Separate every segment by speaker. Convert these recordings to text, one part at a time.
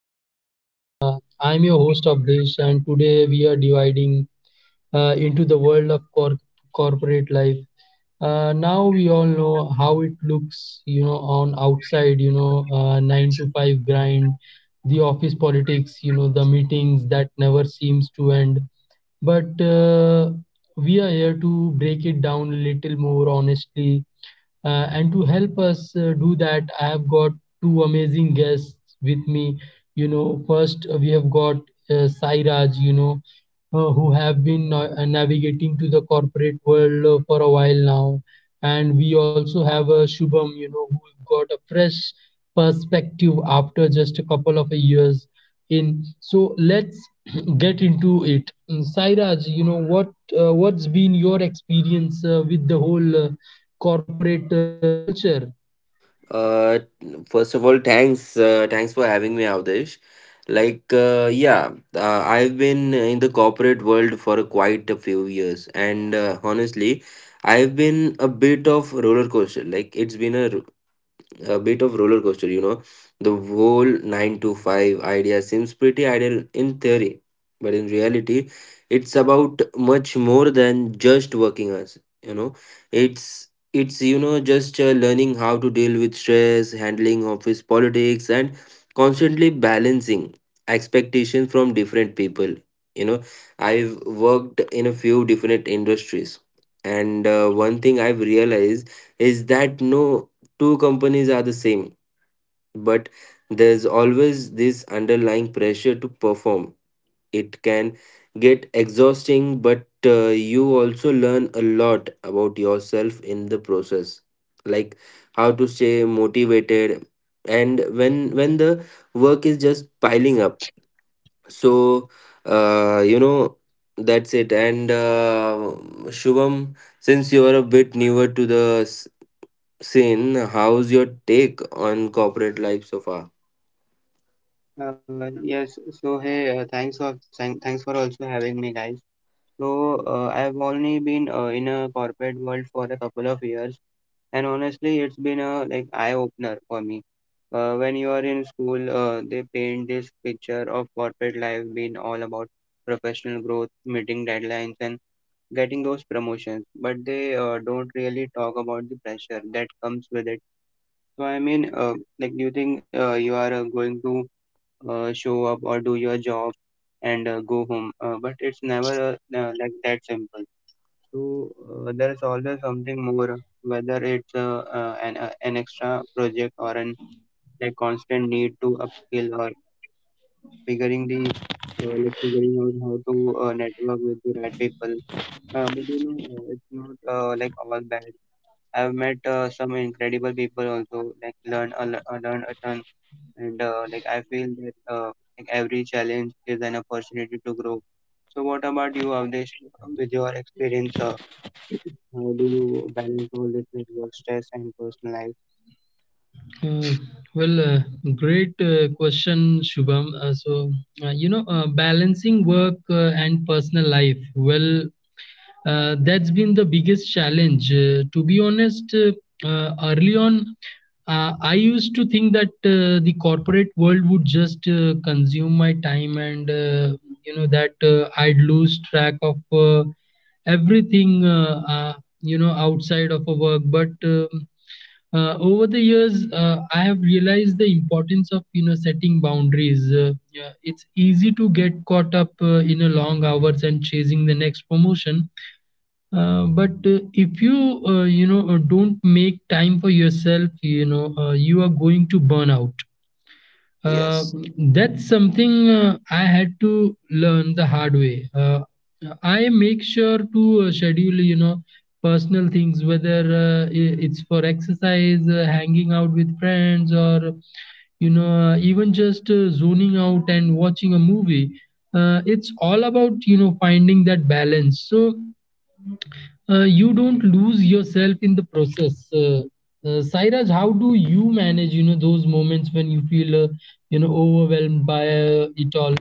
Speaker 1: Cubicle. I'm your host of this, and today we are dividing into the world of corporate life. Now we all know how it looks, on outside, 9 to 5 grind, the office politics, the meetings that never seems to end. But we are here to break it down a little more honestly and to help us do that, I have got two amazing guests with me. First, we have got Sai Raj, who have been navigating to the corporate world for a while now. And we also have Shubham, who got a fresh perspective after just a couple of years in. So let's get into it. Sai Raj, what's been your experience with the whole corporate culture?
Speaker 2: Uh, First of all, thanks for having me, Avdesh. I've been in the corporate world for quite a few years, and honestly, I've been a bit of roller coaster. Like, it's been a bit of roller coaster. The whole 9 to 5 idea seems pretty ideal in theory, but in reality, it's about much more than just working hours, you know. It's you know just learning how to deal with stress, handling office politics, and constantly balancing expectations from different people. You know, I've worked in a few different industries, and one thing I've realized is that no two companies are the same, but there's always this underlying pressure to perform. It can get exhausting, but you also learn a lot about yourself in the process, like how to stay motivated and when the work is just piling up. So, uh, you know, that's it. And Shubham, since you are a bit newer to the Sin, how's your take on corporate life so far?
Speaker 3: Yes, so hey, thanks for thanks for also having me, guys. I've only been in a corporate world for a couple of years, and honestly, it's been a eye opener for me. When you are in school, they paint this picture of corporate life being all about professional growth, meeting deadlines, and getting those promotions, but they don't really talk about the pressure that comes with it. So I mean, like, do you think you are going to show up or do your job and go home. But it's never like that simple. So there's always something more, whether it's an extra project or an constant need to upskill or figuring the like figuring out how to network with the right people. But it's not like all bad. I've met some incredible people also, like learn a ton and like I feel that like every challenge is an opportunity to grow. So what about you, Avdesh? With your experience, how do you balance all this with work stress and personal life?
Speaker 1: Uh, well, great question, Shubham. Balancing work and personal life. Well, that's been the biggest challenge. To be honest, early on, I used to think that the corporate world would just consume my time and that I'd lose track of everything outside of a work. But over the years I have realized the importance of you know setting boundaries yeah, it's easy to get caught up in a long hours and chasing the next promotion but if you you know don't make time for yourself you know you are going to burn out uh,
Speaker 2: Yes.
Speaker 1: that's something I had to learn the hard way. I make sure to schedule, you know, personal things, whether it's for exercise, hanging out with friends, or even just zoning out and watching a movie. It's all about you know finding that balance. So you don't lose yourself in the process. Sairaj, how do you manage, you know, those moments when you feel, overwhelmed by it all?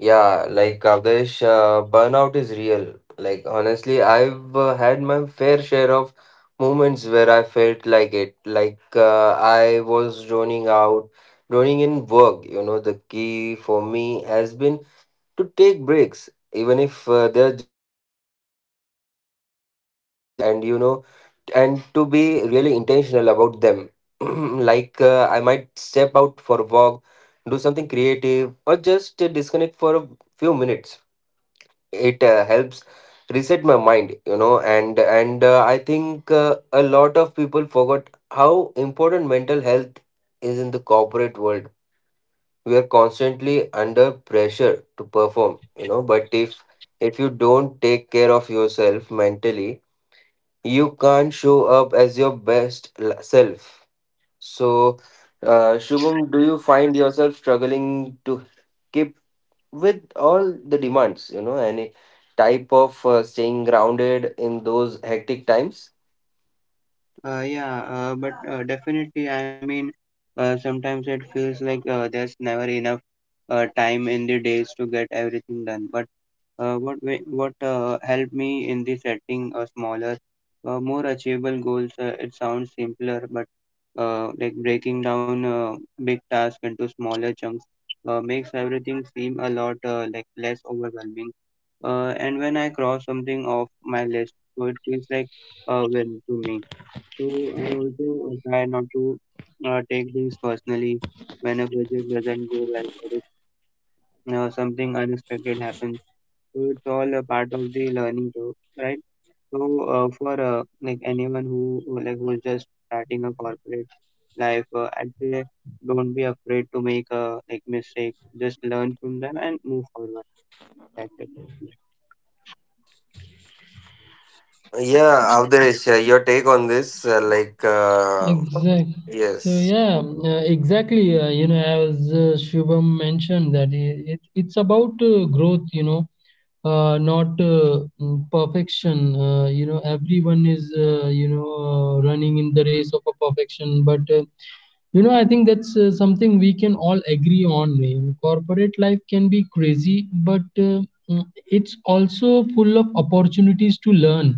Speaker 2: Yeah, like Kavdesh, burnout is real. Like, honestly, I've had my fair share of moments where I felt like it. Like, I was droning out, droning in work. You know, the key for me has been to take breaks, even if they're just small ones. And to be really intentional about them I might step out for a walk, do something creative, or just disconnect for a few minutes. It helps reset my mind you know and I think a lot of people forgot how important mental health is in the corporate world. We are constantly under pressure to perform, you know, but if you don't take care of yourself mentally, you can't show up as your self. So, Shubham, do you find yourself struggling to keep with all the demands, you know, any type of staying grounded in those hectic times?
Speaker 3: Yeah but Definitely. I mean, sometimes it feels like there's never enough time in the days to get everything done, but what helped me in the setting a smaller, more achievable goals. It sounds simpler, but like breaking down big tasks into smaller chunks makes everything seem a lot like less overwhelming. And when I cross something off my list, so it feels like a win to me. So I also try not to take things personally when a project doesn't go well or if something unexpected happens. So it's all a part of the learning curve, right? So for like anyone who's just starting a corporate life, I'd say don't be afraid to make a mistake. Just learn from them and move forward. That's it. Yeah.
Speaker 2: Yeah, Avdesh, your take on this,
Speaker 1: Exactly.
Speaker 2: yes.
Speaker 1: You know, as Shubham mentioned, it, it's about growth. Not perfection. You know, everyone is running in the race of a perfection, but You know, I think that's something we can all agree on, man. Corporate life can be crazy, but it's also full of opportunities to learn,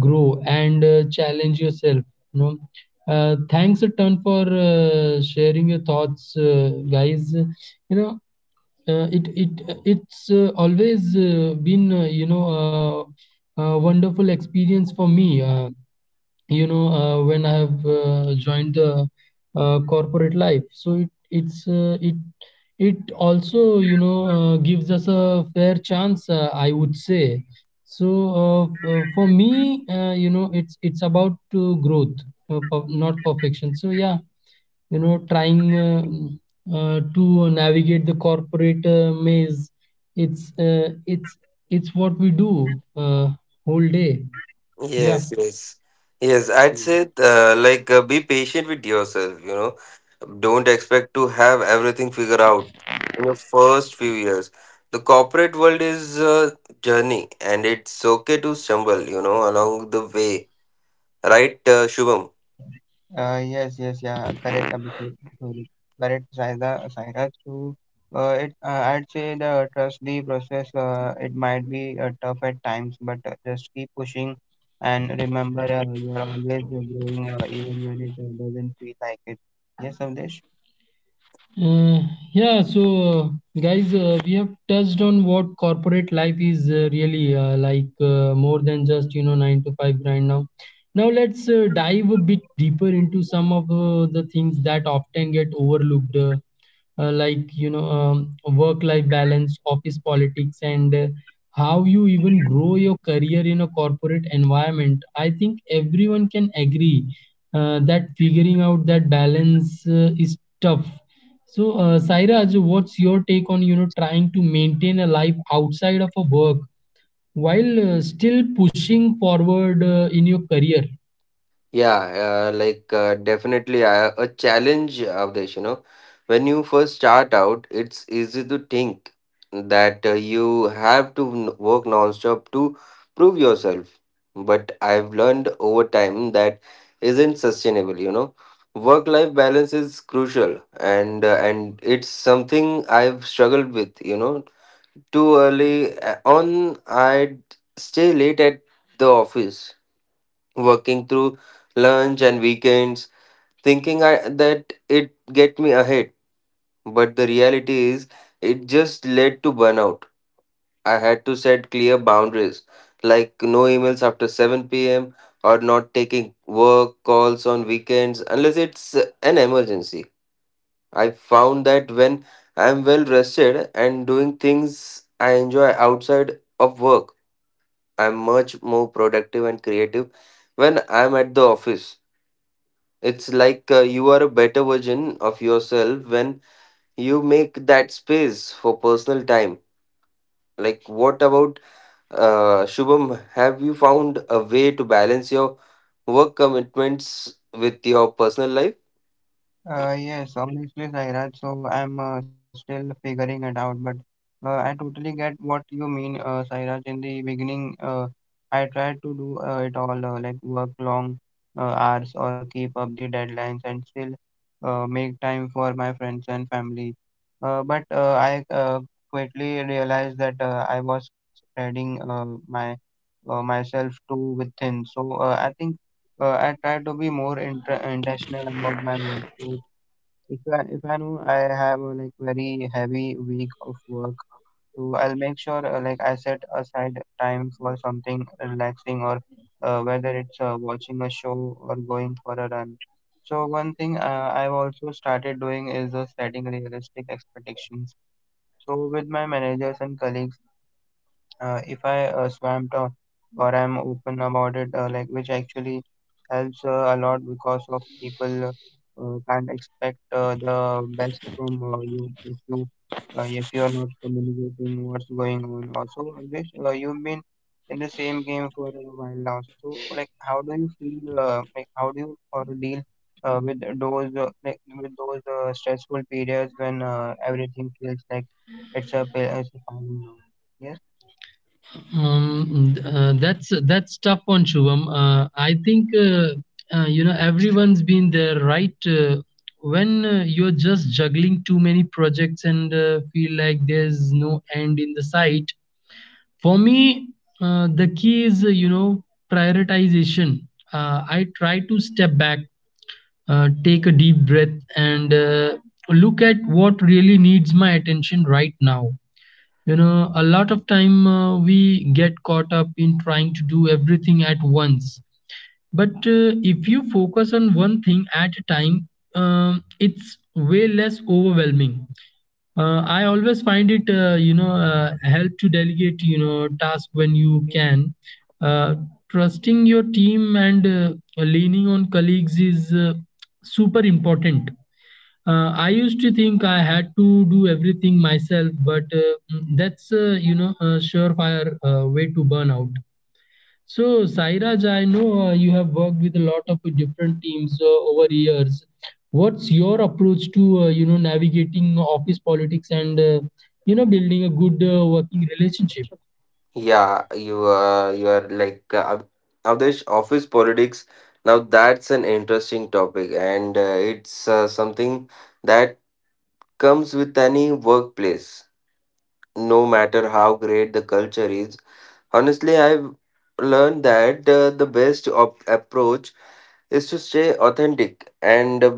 Speaker 1: grow, and challenge yourself. You know, thanks a ton for sharing your thoughts, guys. You know, it it it's always been a wonderful experience for me. You know when I have joined the corporate life so it's it it also you know gives us a fair chance I would say so uh, for me you know it's about to growth not perfection so yeah you know trying to navigate the corporate maze it's it's what we do whole day yeah
Speaker 2: Yes, yes, yes. I'd
Speaker 3: Mm.
Speaker 2: say, be patient with yourself, you know. Don't expect to have everything figured out in your first few years. The corporate world is a journey, and it's okay to stumble, you know, along the way, right, Shubham?
Speaker 3: Yes, yes, yeah, correct, Abhishek. Sorry, correct, Sairaj, too. I'd say the trust the process. It might be tough at times, but just keep pushing and remember you are always growing, even when it doesn't feel like it. Yes, Avdesh.
Speaker 1: Uh, yeah, so guys, we have touched on what corporate life is really like more than just you know 9 to 5 grind now. Now let's dive a bit deeper into some of the things that often get overlooked, like work-life balance, office politics, and how you even grow your career in a corporate environment. I think everyone can agree that figuring out that balance is tough so, Sairaj, what's your take on you know trying to maintain a life outside of a work while still pushing forward in your career?
Speaker 2: Yeah, definitely a challenge of this, you know. When you first start out, it's easy to think that you have to work nonstop to prove yourself. But I've learned over time that isn't sustainable, you know. Work-life balance is crucial, and it's something I've struggled with, you know. Too early on, I'd stay late at the office, working through lunch and weekends, thinking I, that it get me ahead. But the reality is, it just led to burnout. I had to set clear boundaries, like no emails after 7 p.m. or not taking work calls on weekends unless it's an emergency. I found that when I'm well rested and doing things I enjoy outside of work, I'm much more productive and creative when I'm at the office. It's like you are a better version of yourself when you make that space for personal time. Like, what about Shubham? Have you found a way to balance your work commitments with your personal life?
Speaker 3: Yes, obviously, Sairaj. So I'm still figuring it out, but I totally get what you mean, Sairaj. In the beginning, I tried to do it all, like work long hours or keep up the deadlines and still make time for my friends and family. But I quickly realized that I was spreading my myself too within. So I think I try to be more intentional about my work. So if I know I have a very heavy week of work, so I'll make sure like I set aside time for something relaxing or whether it's watching a show or going for a run. So one thing I've also started doing is setting realistic expectations. So with my managers and colleagues, if I swamped or I'm open about it, like which actually helps a lot because of people can't expect the best from you if you if you are not communicating what's going on. Also, Vish, you've been in the same game for a while now. So, like, how do you feel? Like, how do you or deal with those like with those stressful periods when everything feels like it's a piling now. Yes.
Speaker 1: That's tough one, Shubham. I think you know everyone's been there, right? When you're just juggling too many projects and feel like there's no end in the sight. For me, the key is you know prioritization. I try to step back take a deep breath and look at what really needs my attention right now you know a lot of time we get caught up in trying to do everything at once but if you focus on one thing at a time it's way less overwhelming I always find it, help to delegate, you know, task when you can. Uh, Trusting your team and leaning on colleagues is super important. I used to think I had to do everything myself, but that's, a surefire way to burn out. So, Sairaj, I know you have worked with a lot of different teams over years. What's your approach to you know navigating office politics and you know building a good working relationship?
Speaker 2: Yeah, you are like Avdesh, office politics. Now that's an interesting topic, and it's something that comes with any workplace, no matter how great the culture is. Honestly, I've learned that the best approach is to stay authentic and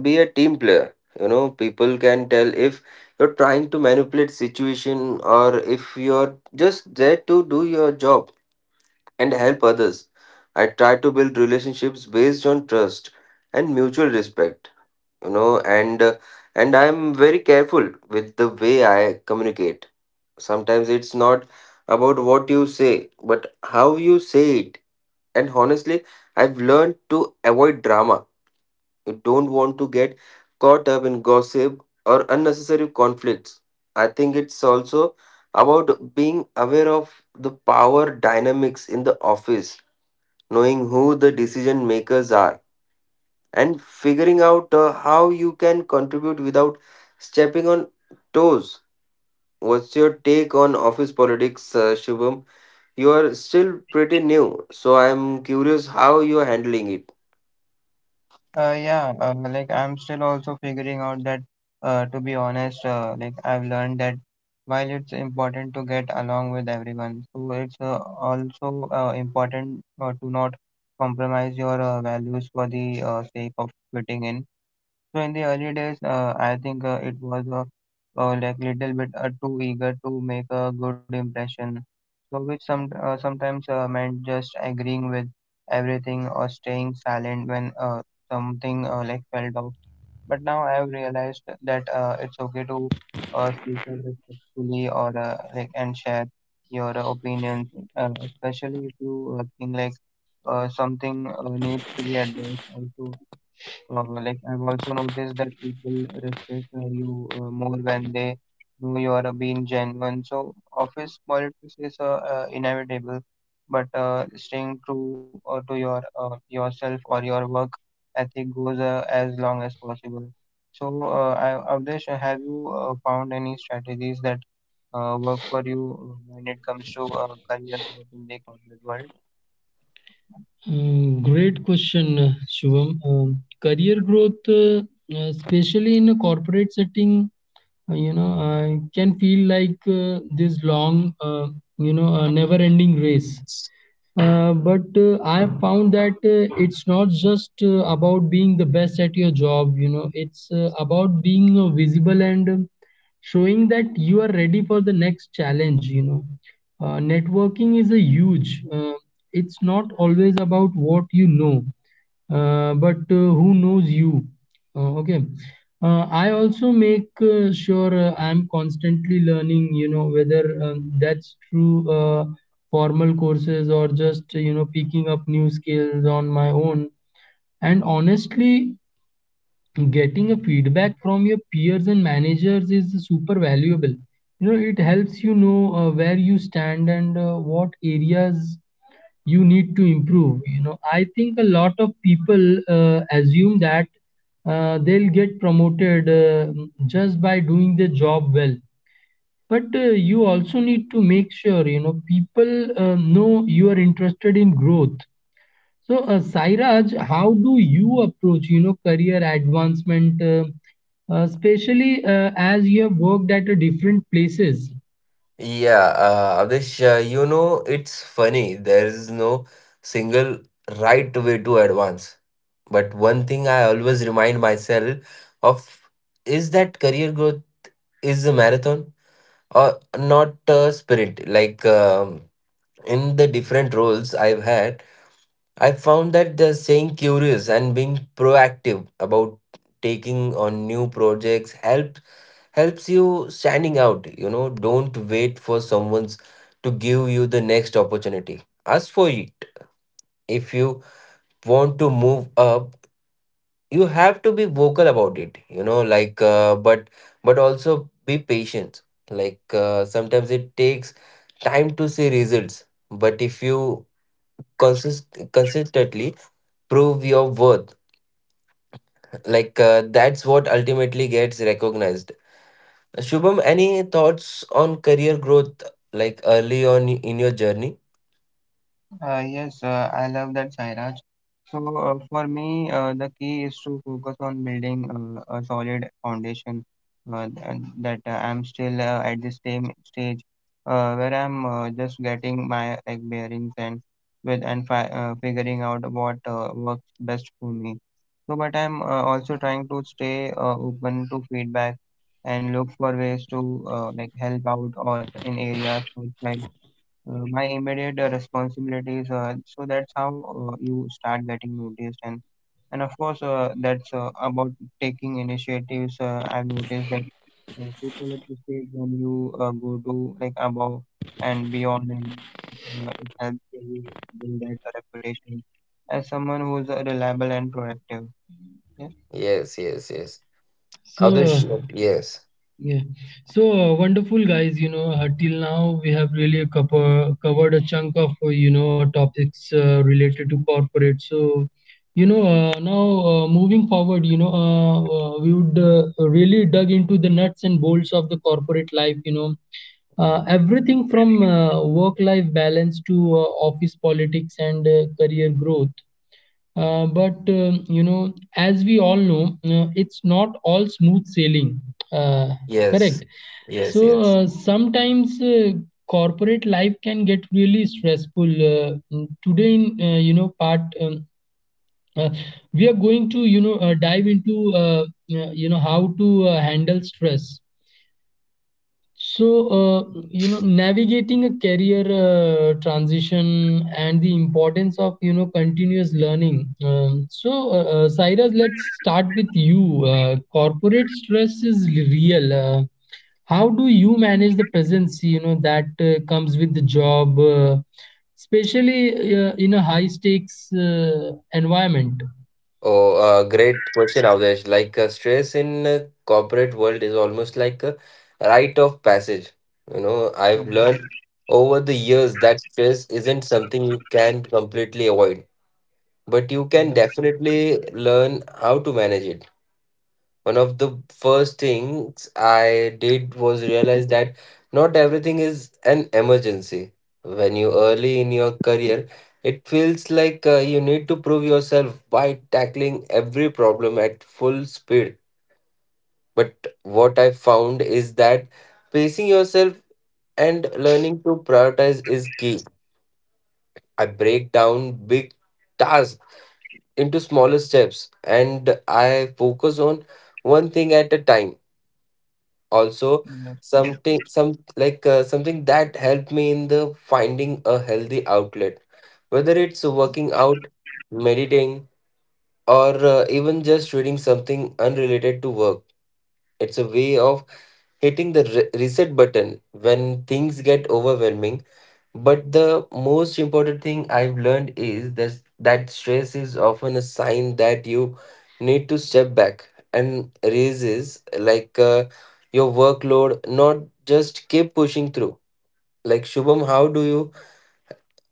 Speaker 2: be a team player. You know, people can tell if you're trying to manipulate situation or if you're just there to do your job and help others. I try to build relationships based on trust and mutual respect. You know, and uh, and I'm very careful with the way I communicate. Sometimes it's not about what you say, but how you say it. And honestly, I've learned to avoid drama. You don't want to get caught up in gossip or unnecessary conflicts. I think it's also about being aware of the power dynamics in the office, knowing who the decision makers are, and figuring out how you can contribute without stepping on toes. What's your take on office politics, Shubham? You are still pretty new, so I'm curious how you're handling it.
Speaker 3: Yeah, like I'm still also figuring out that, to be honest, like I've learned that while it's important to get along with everyone, so it's also important to not compromise your values for the sake of fitting in. So in the early days, I think it was like little bit too eager to make a good impression. So which some sometimes meant just agreeing with everything or staying silent when something like felt off. But now I have realized that it's okay to speak up respectfully or like and share your opinions, especially if you think like something needs to be addressed. Also, like I've also noticed that people respect you more when they know you are being genuine. So office politics is inevitable, but staying true to your yourself or your work ethic goes as long as possible. So, Avdesh, have you found any strategies that work for you when it comes to career growth in the corporate world?
Speaker 1: Great question, Shivam. Career growth, especially in a corporate setting, you know, I can feel like this long, never-ending race. But I found that it's not just about being the best at your job, you know, it's about being visible and showing that you are ready for the next challenge, you know. Networking is a huge, it's not always about what you know, but who knows you uh, okay I also make sure I'm constantly learning you know whether that's through formal courses or just you know picking up new skills on my own and honestly getting a feedback from your peers and managers is super valuable you know it helps you know where you stand and what areas you need to improve you know I think a lot of people assume that they'll get promoted just by doing the job well but you also need to make sure you know people know you are interested in growth so sairaj how do you approach you know career advancement especially as you have worked at different places
Speaker 2: Yeah, Avdesh, you know, it's funny. There is no single right way to advance. But one thing I always remind myself of is that career growth is a marathon or not a sprint. In the different roles I've had, I found that the staying curious and being proactive about taking on new projects helps you standing out. You know, don't wait for someone's to give you the next opportunity, ask for it. If you want to move up, you have to be vocal about it, you know, but also be patient. Sometimes it takes time to see results, but if you consistently prove your worth, that's what ultimately gets recognized. Shubham, any thoughts on career growth like early on in your journey?
Speaker 3: Yes, I love that, Sairaj. So, for me, the key is to focus on building a solid foundation. Th- that I'm still at the same stage where I'm just getting my bearings and with and fi figuring out what works best for me. So, but I'm also trying to stay open to feedback and look for ways to like help out or in areas outside my immediate responsibilities. So that's how you start getting noticed, and of course that's about taking initiatives. I've noticed that people appreciate when you go to like above and beyond, and it helps you build that reputation as someone who's reliable and proactive. Yes.
Speaker 2: Yes, yes, yes. Avdesh,
Speaker 1: so
Speaker 2: yes.
Speaker 1: Yeah. So wonderful, guys. Till now we have really covered a chunk of you know topics related to corporate. So, now moving forward, we would really dug into the nuts and bolts of the corporate life. You know, everything from work-life balance to office politics and career growth. But you know, as we all know, it's not all smooth sailing. Uh,
Speaker 2: Yes,
Speaker 1: Correct.
Speaker 2: yes,
Speaker 1: So
Speaker 2: yes.
Speaker 1: sometimes corporate life can get really stressful. Today, in you know part, uh, we are going to you know dive into you know how to handle stress. So, navigating a career transition and the importance of, you know, continuous learning. So, Cyrus, let's start with you. Corporate stress is real. How do you manage the presence, you know, that comes with the job, especially in a high stakes environment?
Speaker 2: Oh, great question, Avdesh. Stress in corporate world is almost like a rite of passage. You know, I've learned
Speaker 3: Yes.
Speaker 2: over the years that stress isn't something you can completely avoid, but you can definitely
Speaker 3: Yes.
Speaker 2: learn how to manage it. One of the first things I did was realize that not everything is an emergency. When you early in your career, it feels like you need to prove yourself by tackling every problem at full speed. But what I found is that pacing yourself and learning to prioritize is key. I break down big tasks into smaller steps, and I focus on one thing at a time. Also, something some
Speaker 3: Yes.
Speaker 2: like something that helped me in the finding a healthy outlet, whether it's working out, meditating, or even just reading something unrelated to work. It's a way of hitting the reset button when things get overwhelming. But the most important thing I've learned is that stress is often a sign that you need to step back and raises your workload, not just keep pushing through. Like Shubham, how do you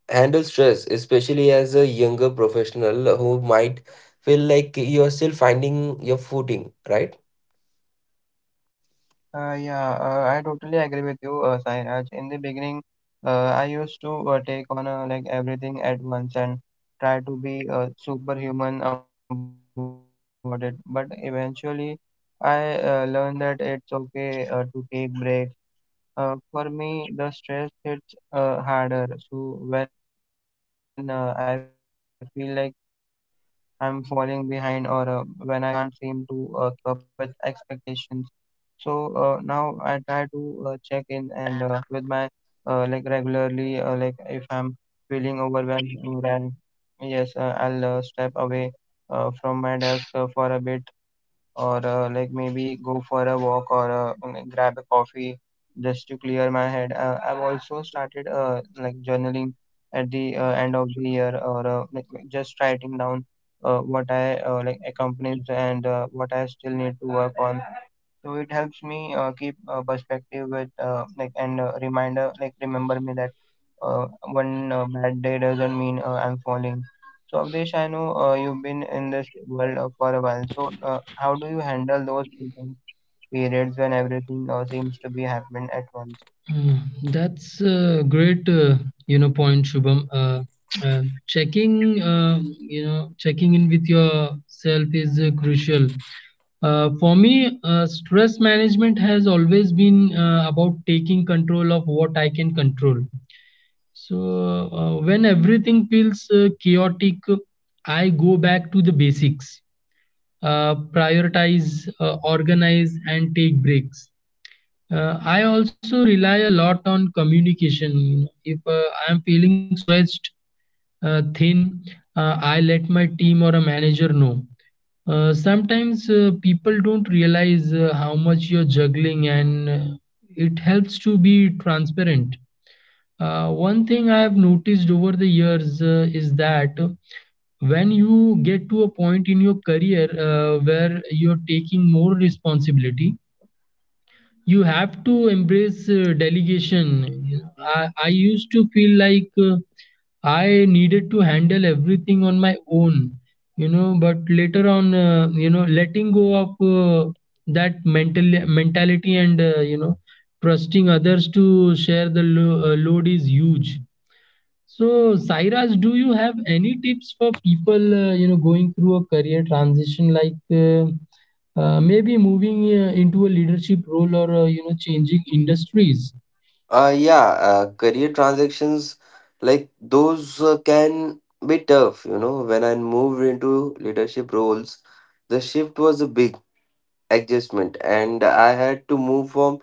Speaker 2: handle stress, especially as a younger professional who might feel like you're still finding your footing, right?
Speaker 3: Yeah, I totally agree with you, Sairaj. In the beginning, I used to take on like everything at once and try to be superhuman about it. But eventually, I learned that it's okay to take breaks. For me, the stress hits harder. So when I feel like I'm falling behind or when I can't seem to keep up with expectations. So now I try to check in and with my like regularly. Like if I'm feeling overwhelmed, then yes, I'll step away from my desk for a bit or like maybe go for a walk or grab a coffee just to clear my head. I've also started like journaling at the end of the year or like just writing down what I like accomplished and what I still need to work on. So it helps me keep perspective with like and reminder remember me that uh, one bad day doesn't mean I'm falling. So, Avdesh, I know you've been in this world for a while. So, how do you handle those intense periods when everything seems to be happening at once?
Speaker 1: Mm, That's a great, point, Shubham. Checking in with yourself is crucial. For me, stress management has always been about taking control of what I can control. So when everything feels chaotic, I go back to the basics, prioritize, organize, and take breaks. I also rely a lot on communication. If I am feeling stressed, uh, thin, I let my team or a manager know. Sometimes people don't realize how much you're juggling, and it helps to be transparent. One thing I have noticed over the years is that when you get to a point in your career where you're taking more responsibility, you have to embrace delegation. I used to feel like I needed to handle everything on my own, you know, but later on, you know, letting go of that mentality and, you know, trusting others to share the load is huge. So, Sairaj, do you have any tips for people, you know, going through a career transition, like maybe moving into a leadership role or you know, changing industries?
Speaker 2: Yeah, career transactions like those can be tough, you know. When I moved into leadership roles, the shift was a big adjustment, and I had to move from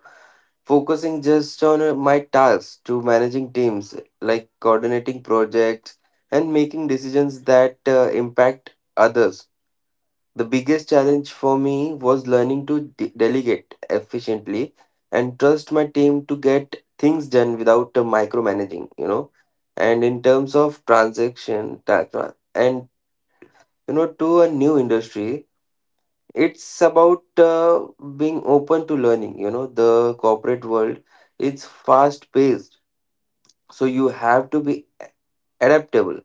Speaker 2: focusing just on my tasks to managing teams, like coordinating projects and making decisions that impact others. The biggest challenge for me was learning to delegate efficiently and trust my team to get things done without micromanaging, you know. And in terms of transaction and you know to a new industry, it's about being open to learning, you know. The corporate world, it's fast paced, so you have to be adaptable.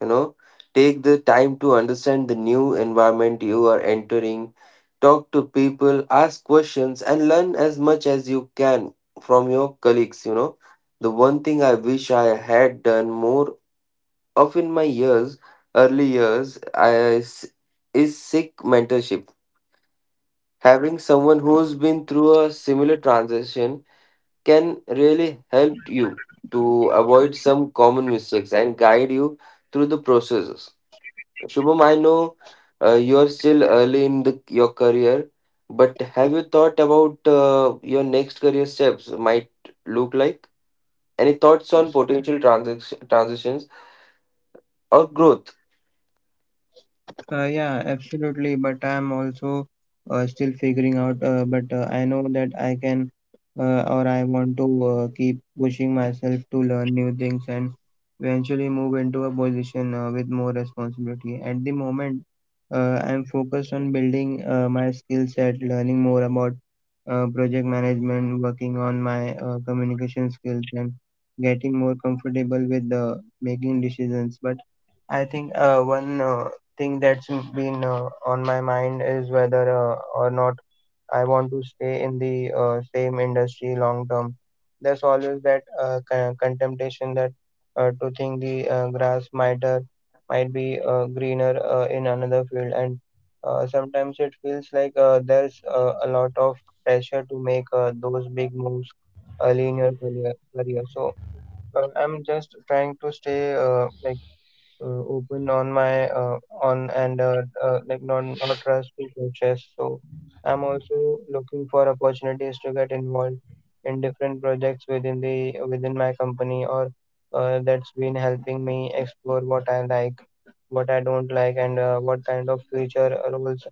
Speaker 2: You know, take the time to understand the new environment you are entering, talk to people, ask questions, and learn as much as you can from your colleagues. You know, the one thing I wish I had done more of in my years early years, is seek mentorship. Having someone who's been through a similar transition can really help you to avoid some common mistakes and guide you through the processes. Shubham, I know you're still early in the, your career, but have you thought about your next career steps might look like? Any thoughts on potential transitions or growth?
Speaker 3: Yeah, absolutely. But I'm also still figuring out. But I know that I can or I want to keep pushing myself to learn new things and eventually move into a position with more responsibility. At the moment, I'm focused on building my skill set, learning more about project management, working on my communication skills, and getting more comfortable with making decisions. But I think one thing that's been on my mind is whether or not I want to stay in the same industry long term. There's always that contemplation that to think the grass might be greener in another field, and sometimes it feels like there's a lot of pressure to make those big moves early in your career. So I'm just trying to stay like open on my on and like not trust to purchase. So I'm also looking for opportunities to get involved in different projects within my company or that's been helping me explore what I like, what I don't like, and what kind of future roles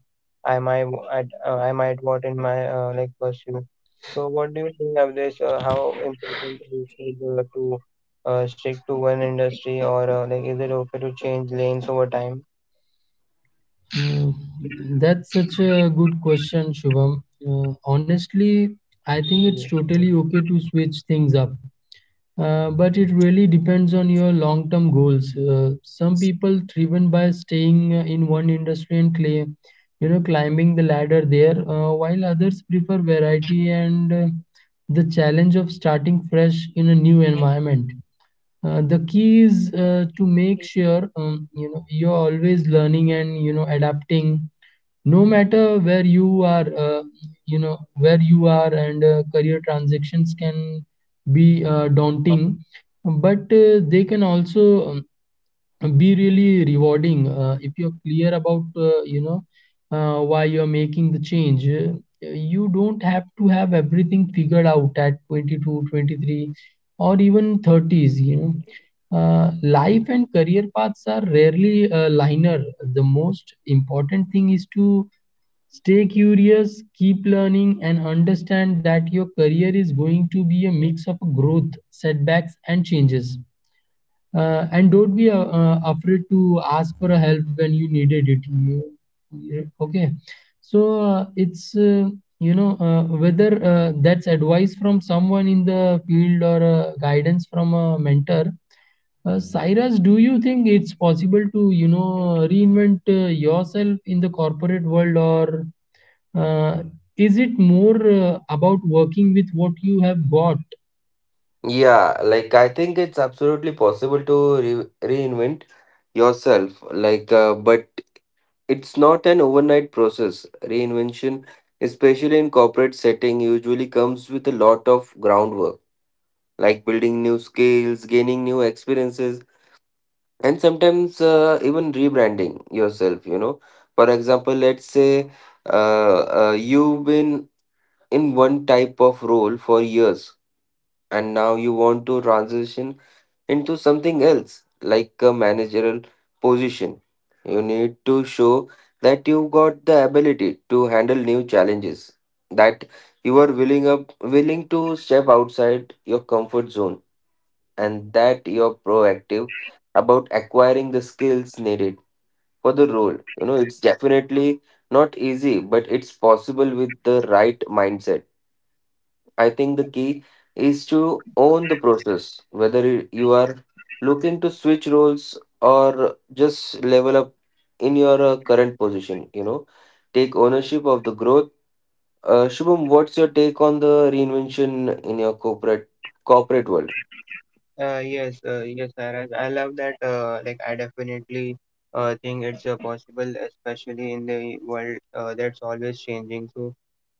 Speaker 3: I might w- I might want in my like pursue. So what do you think of this? How important is it to stick to one industry or like is it okay to change lanes over time?
Speaker 1: Uh, that's such a good question, Shubham. Honestly, I think it's totally
Speaker 3: Yeah.
Speaker 1: okay to switch things up. But it really depends on your long term goals. Some people driven by staying in one industry and claim, climbing the ladder there, while others prefer variety and the challenge of starting fresh in a new environment. The key is to make sure you're always learning and adapting no matter where you are where you are. And career transactions can be daunting, but they can also be really rewarding if you're clear about why you're making the change. You don't have to have everything figured out at 22 23 or even 30s. Life and career paths are rarely linear. The most important thing is to stay curious, keep learning, and understand that your career is going to be a mix of growth, setbacks, and changes. And don't be afraid to ask for a help when you needed it. Okay. So it's you know whether that's advice from someone in the field or guidance from a mentor. Cyrus, do you think it's possible to reinvent yourself in the corporate world, or uh, is it more about working with what you have got?
Speaker 2: Yeah, like I think it's absolutely possible to reinvent yourself, but it's not an overnight process. Reinvention, especially in corporate setting, usually comes with a lot of groundwork, like building new skills, gaining new experiences, and sometimes even rebranding yourself. You know, for example, let's say you've been in one type of role for years, and now you want to transition into something else, like a managerial position. You need to show that you've got the ability to handle new challenges, that you are willing to step outside your comfort zone, and that you're proactive about acquiring the skills needed for the role. You know, it's definitely not easy, but it's possible with the right mindset. I think the key is to own the process, whether you are looking to switch roles or just level up in your current position. You know, take ownership of the growth. Shubham, what's your take on the reinvention in your corporate world?
Speaker 3: Yes, Sairaj. I love that. I definitely think it's possible, especially in the world that's always changing. So,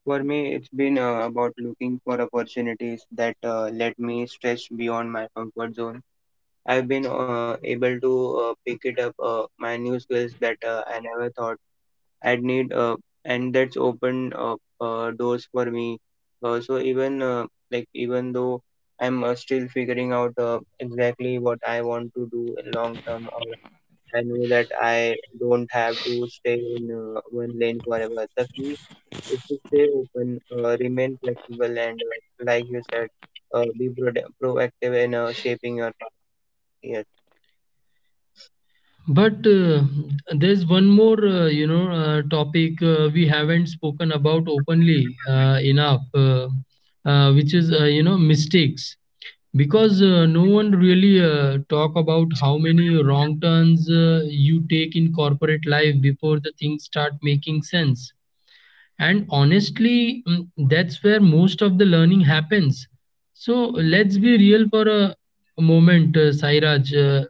Speaker 3: for me, it's been about looking for opportunities that let me stretch beyond my comfort zone. I've been able to pick it up my new skills that I never thought I'd need, and that's opened doors for me. Uh, so even uh, Even though I'm still figuring out exactly what I want to do in long term, or I know that I don't have to stay in one lane forever. The key is to stay open, remain flexible, and like you said, be pro- proactive in shaping your path. Yes.
Speaker 1: But there's one more, topic we haven't spoken about openly enough, which is, mistakes. Because no one really talk about how many wrong turns you take in corporate life before the things start making sense. And honestly, that's where most of the learning happens. So let's be real for a moment, Sairaj. Uh,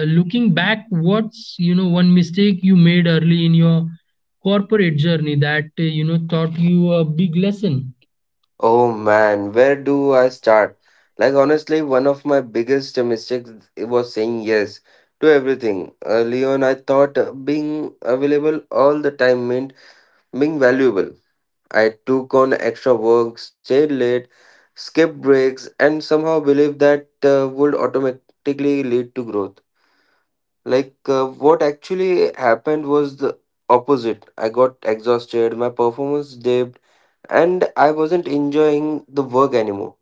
Speaker 1: uh, Looking back, what's one mistake you made early in your corporate journey that taught you a big lesson?
Speaker 2: Oh man, where do I start? Like honestly, one of my biggest mistakes was saying yes to everything. Early on, I thought being available all the time meant being valuable. I took on extra work, stayed late, skipped breaks, and somehow believed that would automatically lead to growth. What actually happened was the opposite. I got exhausted, my performance dipped, and I wasn't enjoying the work anymore.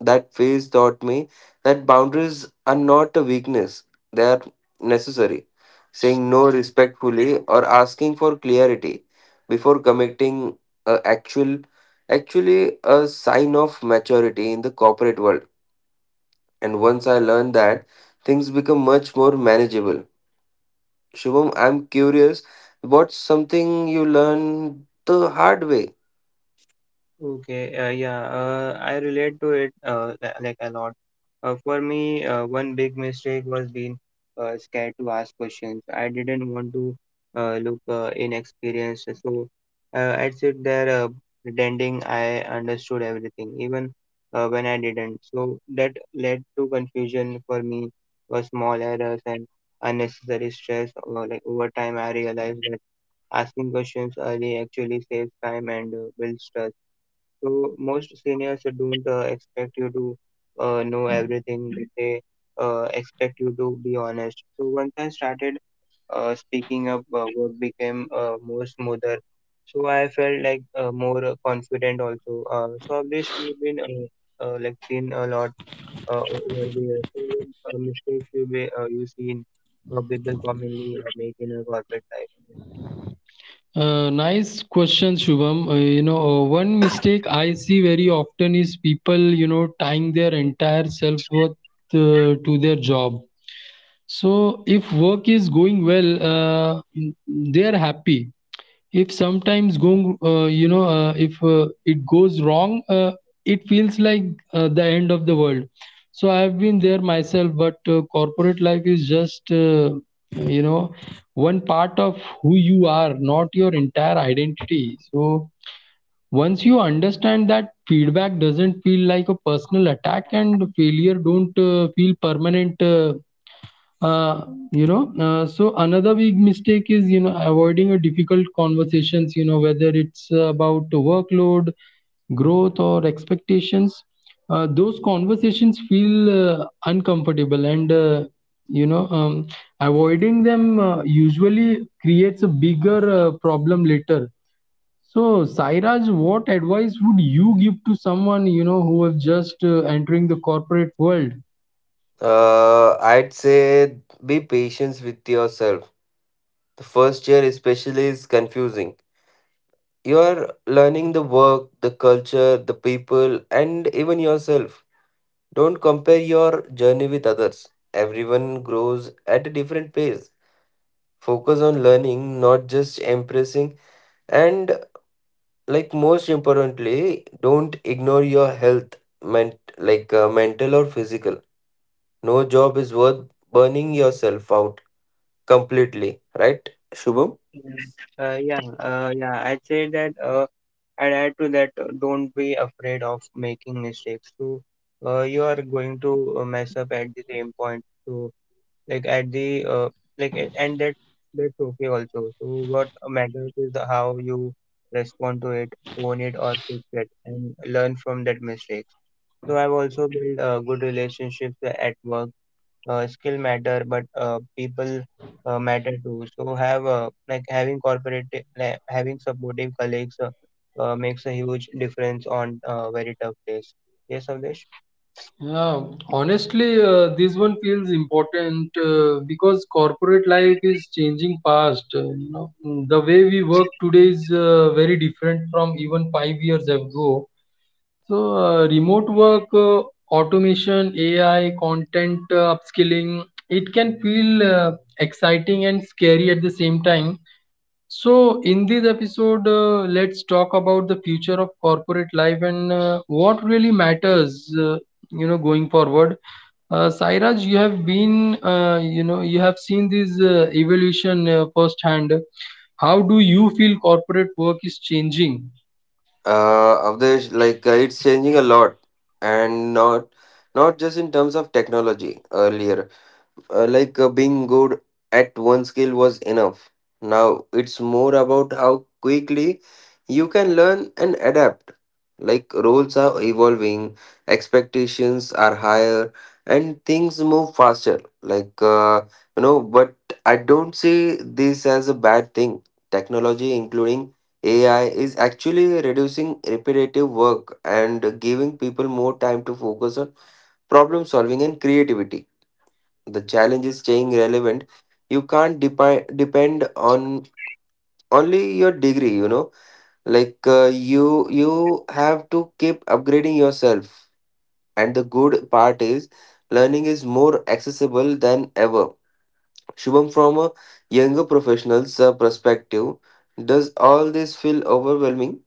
Speaker 2: That phase taught me that boundaries are not a weakness, they are necessary. Saying no respectfully or asking for clarity before committing a actual actually a sign of maturity in the corporate world. And once I learned that, things become much more manageable. Shubham, I'm curious, what's something you learned the hard way?
Speaker 3: Okay, yeah, I relate to it li- like a lot. For me, one big mistake was being scared to ask questions. I didn't want to look inexperienced, so I'd sit there pretending I understood everything, even when I didn't. So that led to confusion for me, for small errors and unnecessary stress. Over time, I realized that asking questions early actually saves time and builds trust, so most seniors don't expect you to know everything. They expect you to be honest. So once I started speaking up, work became more smoother. So I felt like more confident also. So, Abdesh, you've been seen a lot over the years. So what mistakes you seen people commonly make in a corporate life?
Speaker 1: Nice question, Shubham. One mistake I see very often is people, tying their entire self worth to their job. So if work is going well, they are happy. If sometimes going, if it goes wrong, it feels like the end of the world. So I have been there myself, but corporate life is just, you know, one part of who you are, not your entire identity. So once you understand that feedback doesn't feel like a personal attack and failure don't feel permanent. Uh, so another big mistake is avoiding a difficult conversations, whether it's about the workload, growth, or expectations. Those conversations feel uncomfortable, and you know um, avoiding them usually creates a bigger problem later. So Sairaj, what advice would you give to someone who is just entering the corporate world?
Speaker 2: I'd say be patient with yourself. The first year, especially, is confusing. You are learning the work, the culture, the people, and even yourself. Don't compare your journey with others. Everyone grows at a different pace. Focus on learning, not just impressing. And, like, most importantly, don't ignore your health, mental or physical. No job is worth burning yourself out completely, right, Shubham?
Speaker 3: Yeah, I'd say that. I'd add to that, don't be afraid of making mistakes. So you are going to mess up at the same point. So like at the like a- and that that's okay also. So what matters is the how you respond to it, own it or fix it, and learn from that mistake. So I've also built good relationships at work, skill matter but people matter too, so have like having corporate like having supportive colleagues makes a huge difference on very tough days. Yes, Avdesh.
Speaker 1: Yeah, honestly, this one feels important because corporate life is changing fast. The way we work today is very different from even 5 years ago. So, remote work, automation, AI, content upskilling, it can feel exciting and scary at the same time. So, in this episode, let's talk about the future of corporate life and what really matters, going forward. Sairaj, you have been, you have seen this evolution firsthand. How do you feel corporate work is changing?
Speaker 2: Avdesh, it's changing a lot, and not just in terms of technology. Earlier, being good at one skill was enough. Now it's more about how quickly you can learn and adapt. Like roles are evolving, expectations are higher, and things move faster. But I don't see this as a bad thing. Technology, including AI, is actually reducing repetitive work and giving people more time to focus on problem solving and creativity. The challenge is staying relevant. You can't depend on only your degree, you know. You have to keep upgrading yourself. And the good part is learning is more accessible than ever. Shubham, from a younger professional's perspective, does all this feel overwhelming?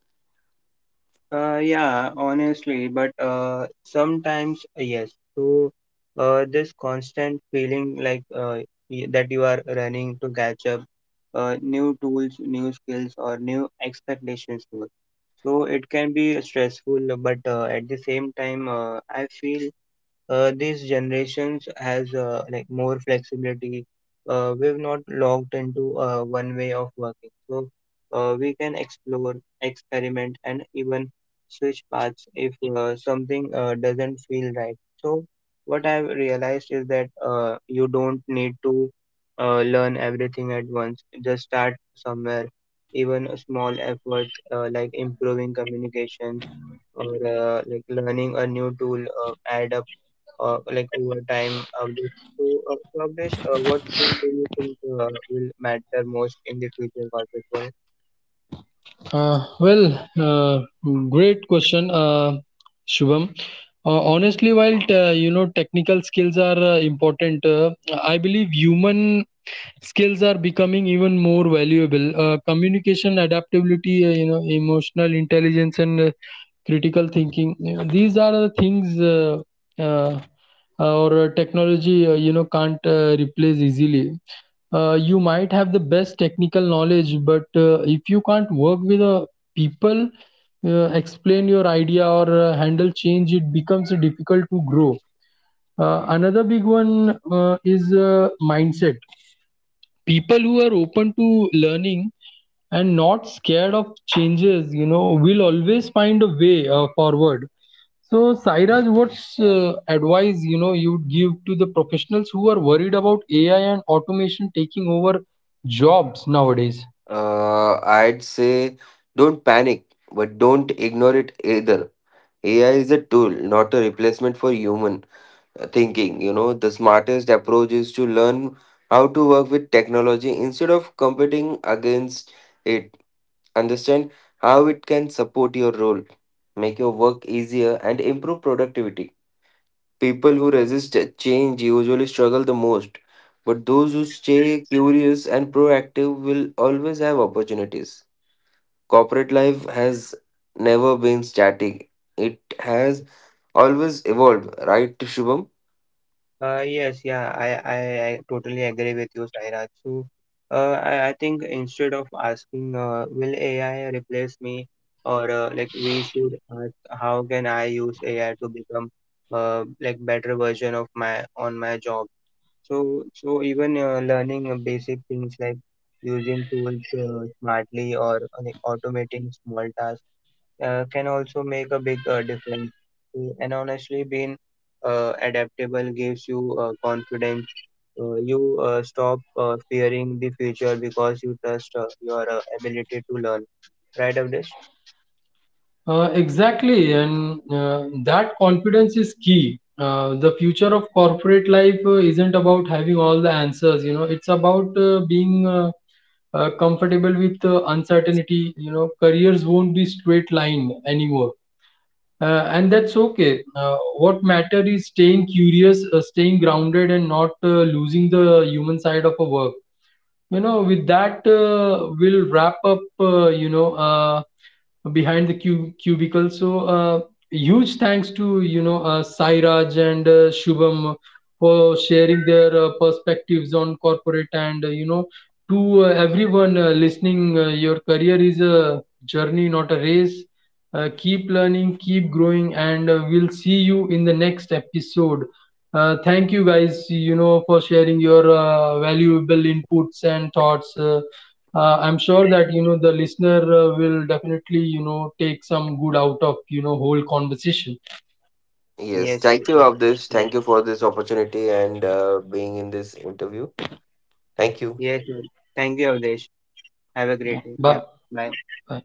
Speaker 3: Yeah, Honestly, but sometimes yes. So this constant feeling like that you are running to catch up, new tools, new skills, or new expectations too. So it can be stressful, but at the same time, I feel these generations has more flexibility. We've not locked into one way of working, so we can explore, experiment, and even switch paths if something doesn't feel right. So what I've realized is that you don't need to learn everything at once. Just start somewhere. Even a small effort improving communications or learning a new tool add up over time. Just to accomplish what thing do you think will matter most in the future corporate world?
Speaker 1: Uh, well, uh, Great question, Shubham. Honestly, while technical skills are important, I believe human skills are becoming even more valuable. Communication, adaptability, emotional intelligence, and critical thinking. These are the things uh, our technology, can't replace easily. You might have the best technical knowledge, but if you can't work with people, explain your idea or handle change, it becomes difficult to grow. Another big one is mindset. People who are open to learning and not scared of changes, will always find a way forward. So, Sairaj, what's advice you'd give to the professionals who are worried about AI and automation taking over jobs nowadays?
Speaker 2: I'd say don't panic, but don't ignore it either. AI is a tool, not a replacement for human thinking. You know, the smartest approach is to learn how to work with technology instead of competing against it. Understand how it can support your role, make your work easier, and improve productivity. People who resist change usually struggle the most, but those who stay curious and proactive will always have opportunities. Corporate life has never been static, it has always evolved, right, Shubham?
Speaker 3: Yes, yeah, I totally agree with you, Sairaj. So, I think instead of asking, will AI replace me, or we should ask, how can I use AI to become better version of my on my job? So even learning basic things like using tools smartly or automating small tasks can also make a big difference. Mm, and honestly, being adaptable gives you confidence. You stop fearing the future because you trust your ability to learn. Right, Avdesh?
Speaker 1: Exactly, and that confidence is key. The future of corporate life isn't about having all the answers. It's about being comfortable with uncertainty. Careers won't be straight line anymore. And that's okay. What matter is staying curious, staying grounded, and not losing the human side of a work. With that, we'll wrap up, behind the cubicle. So, huge thanks to, Sairaj and Shubham for sharing their perspectives on corporate, and, to everyone listening, your career is a journey, not a race. Keep learning, keep growing, and we'll see you in the next episode. Thank you guys, for sharing your valuable inputs and thoughts. I'm sure that, the listener will definitely, take some good out of, whole conversation.
Speaker 2: Yes,
Speaker 3: Yes, yes,
Speaker 2: thank you, of this.
Speaker 3: yes.
Speaker 2: Thank you for this opportunity and being in this interview. Thank you.
Speaker 3: Yes. Yes. Thank you, Avdesh. Have a
Speaker 1: Yeah.
Speaker 3: great day. Yeah.
Speaker 1: Bye.
Speaker 3: Bye.
Speaker 1: Bye.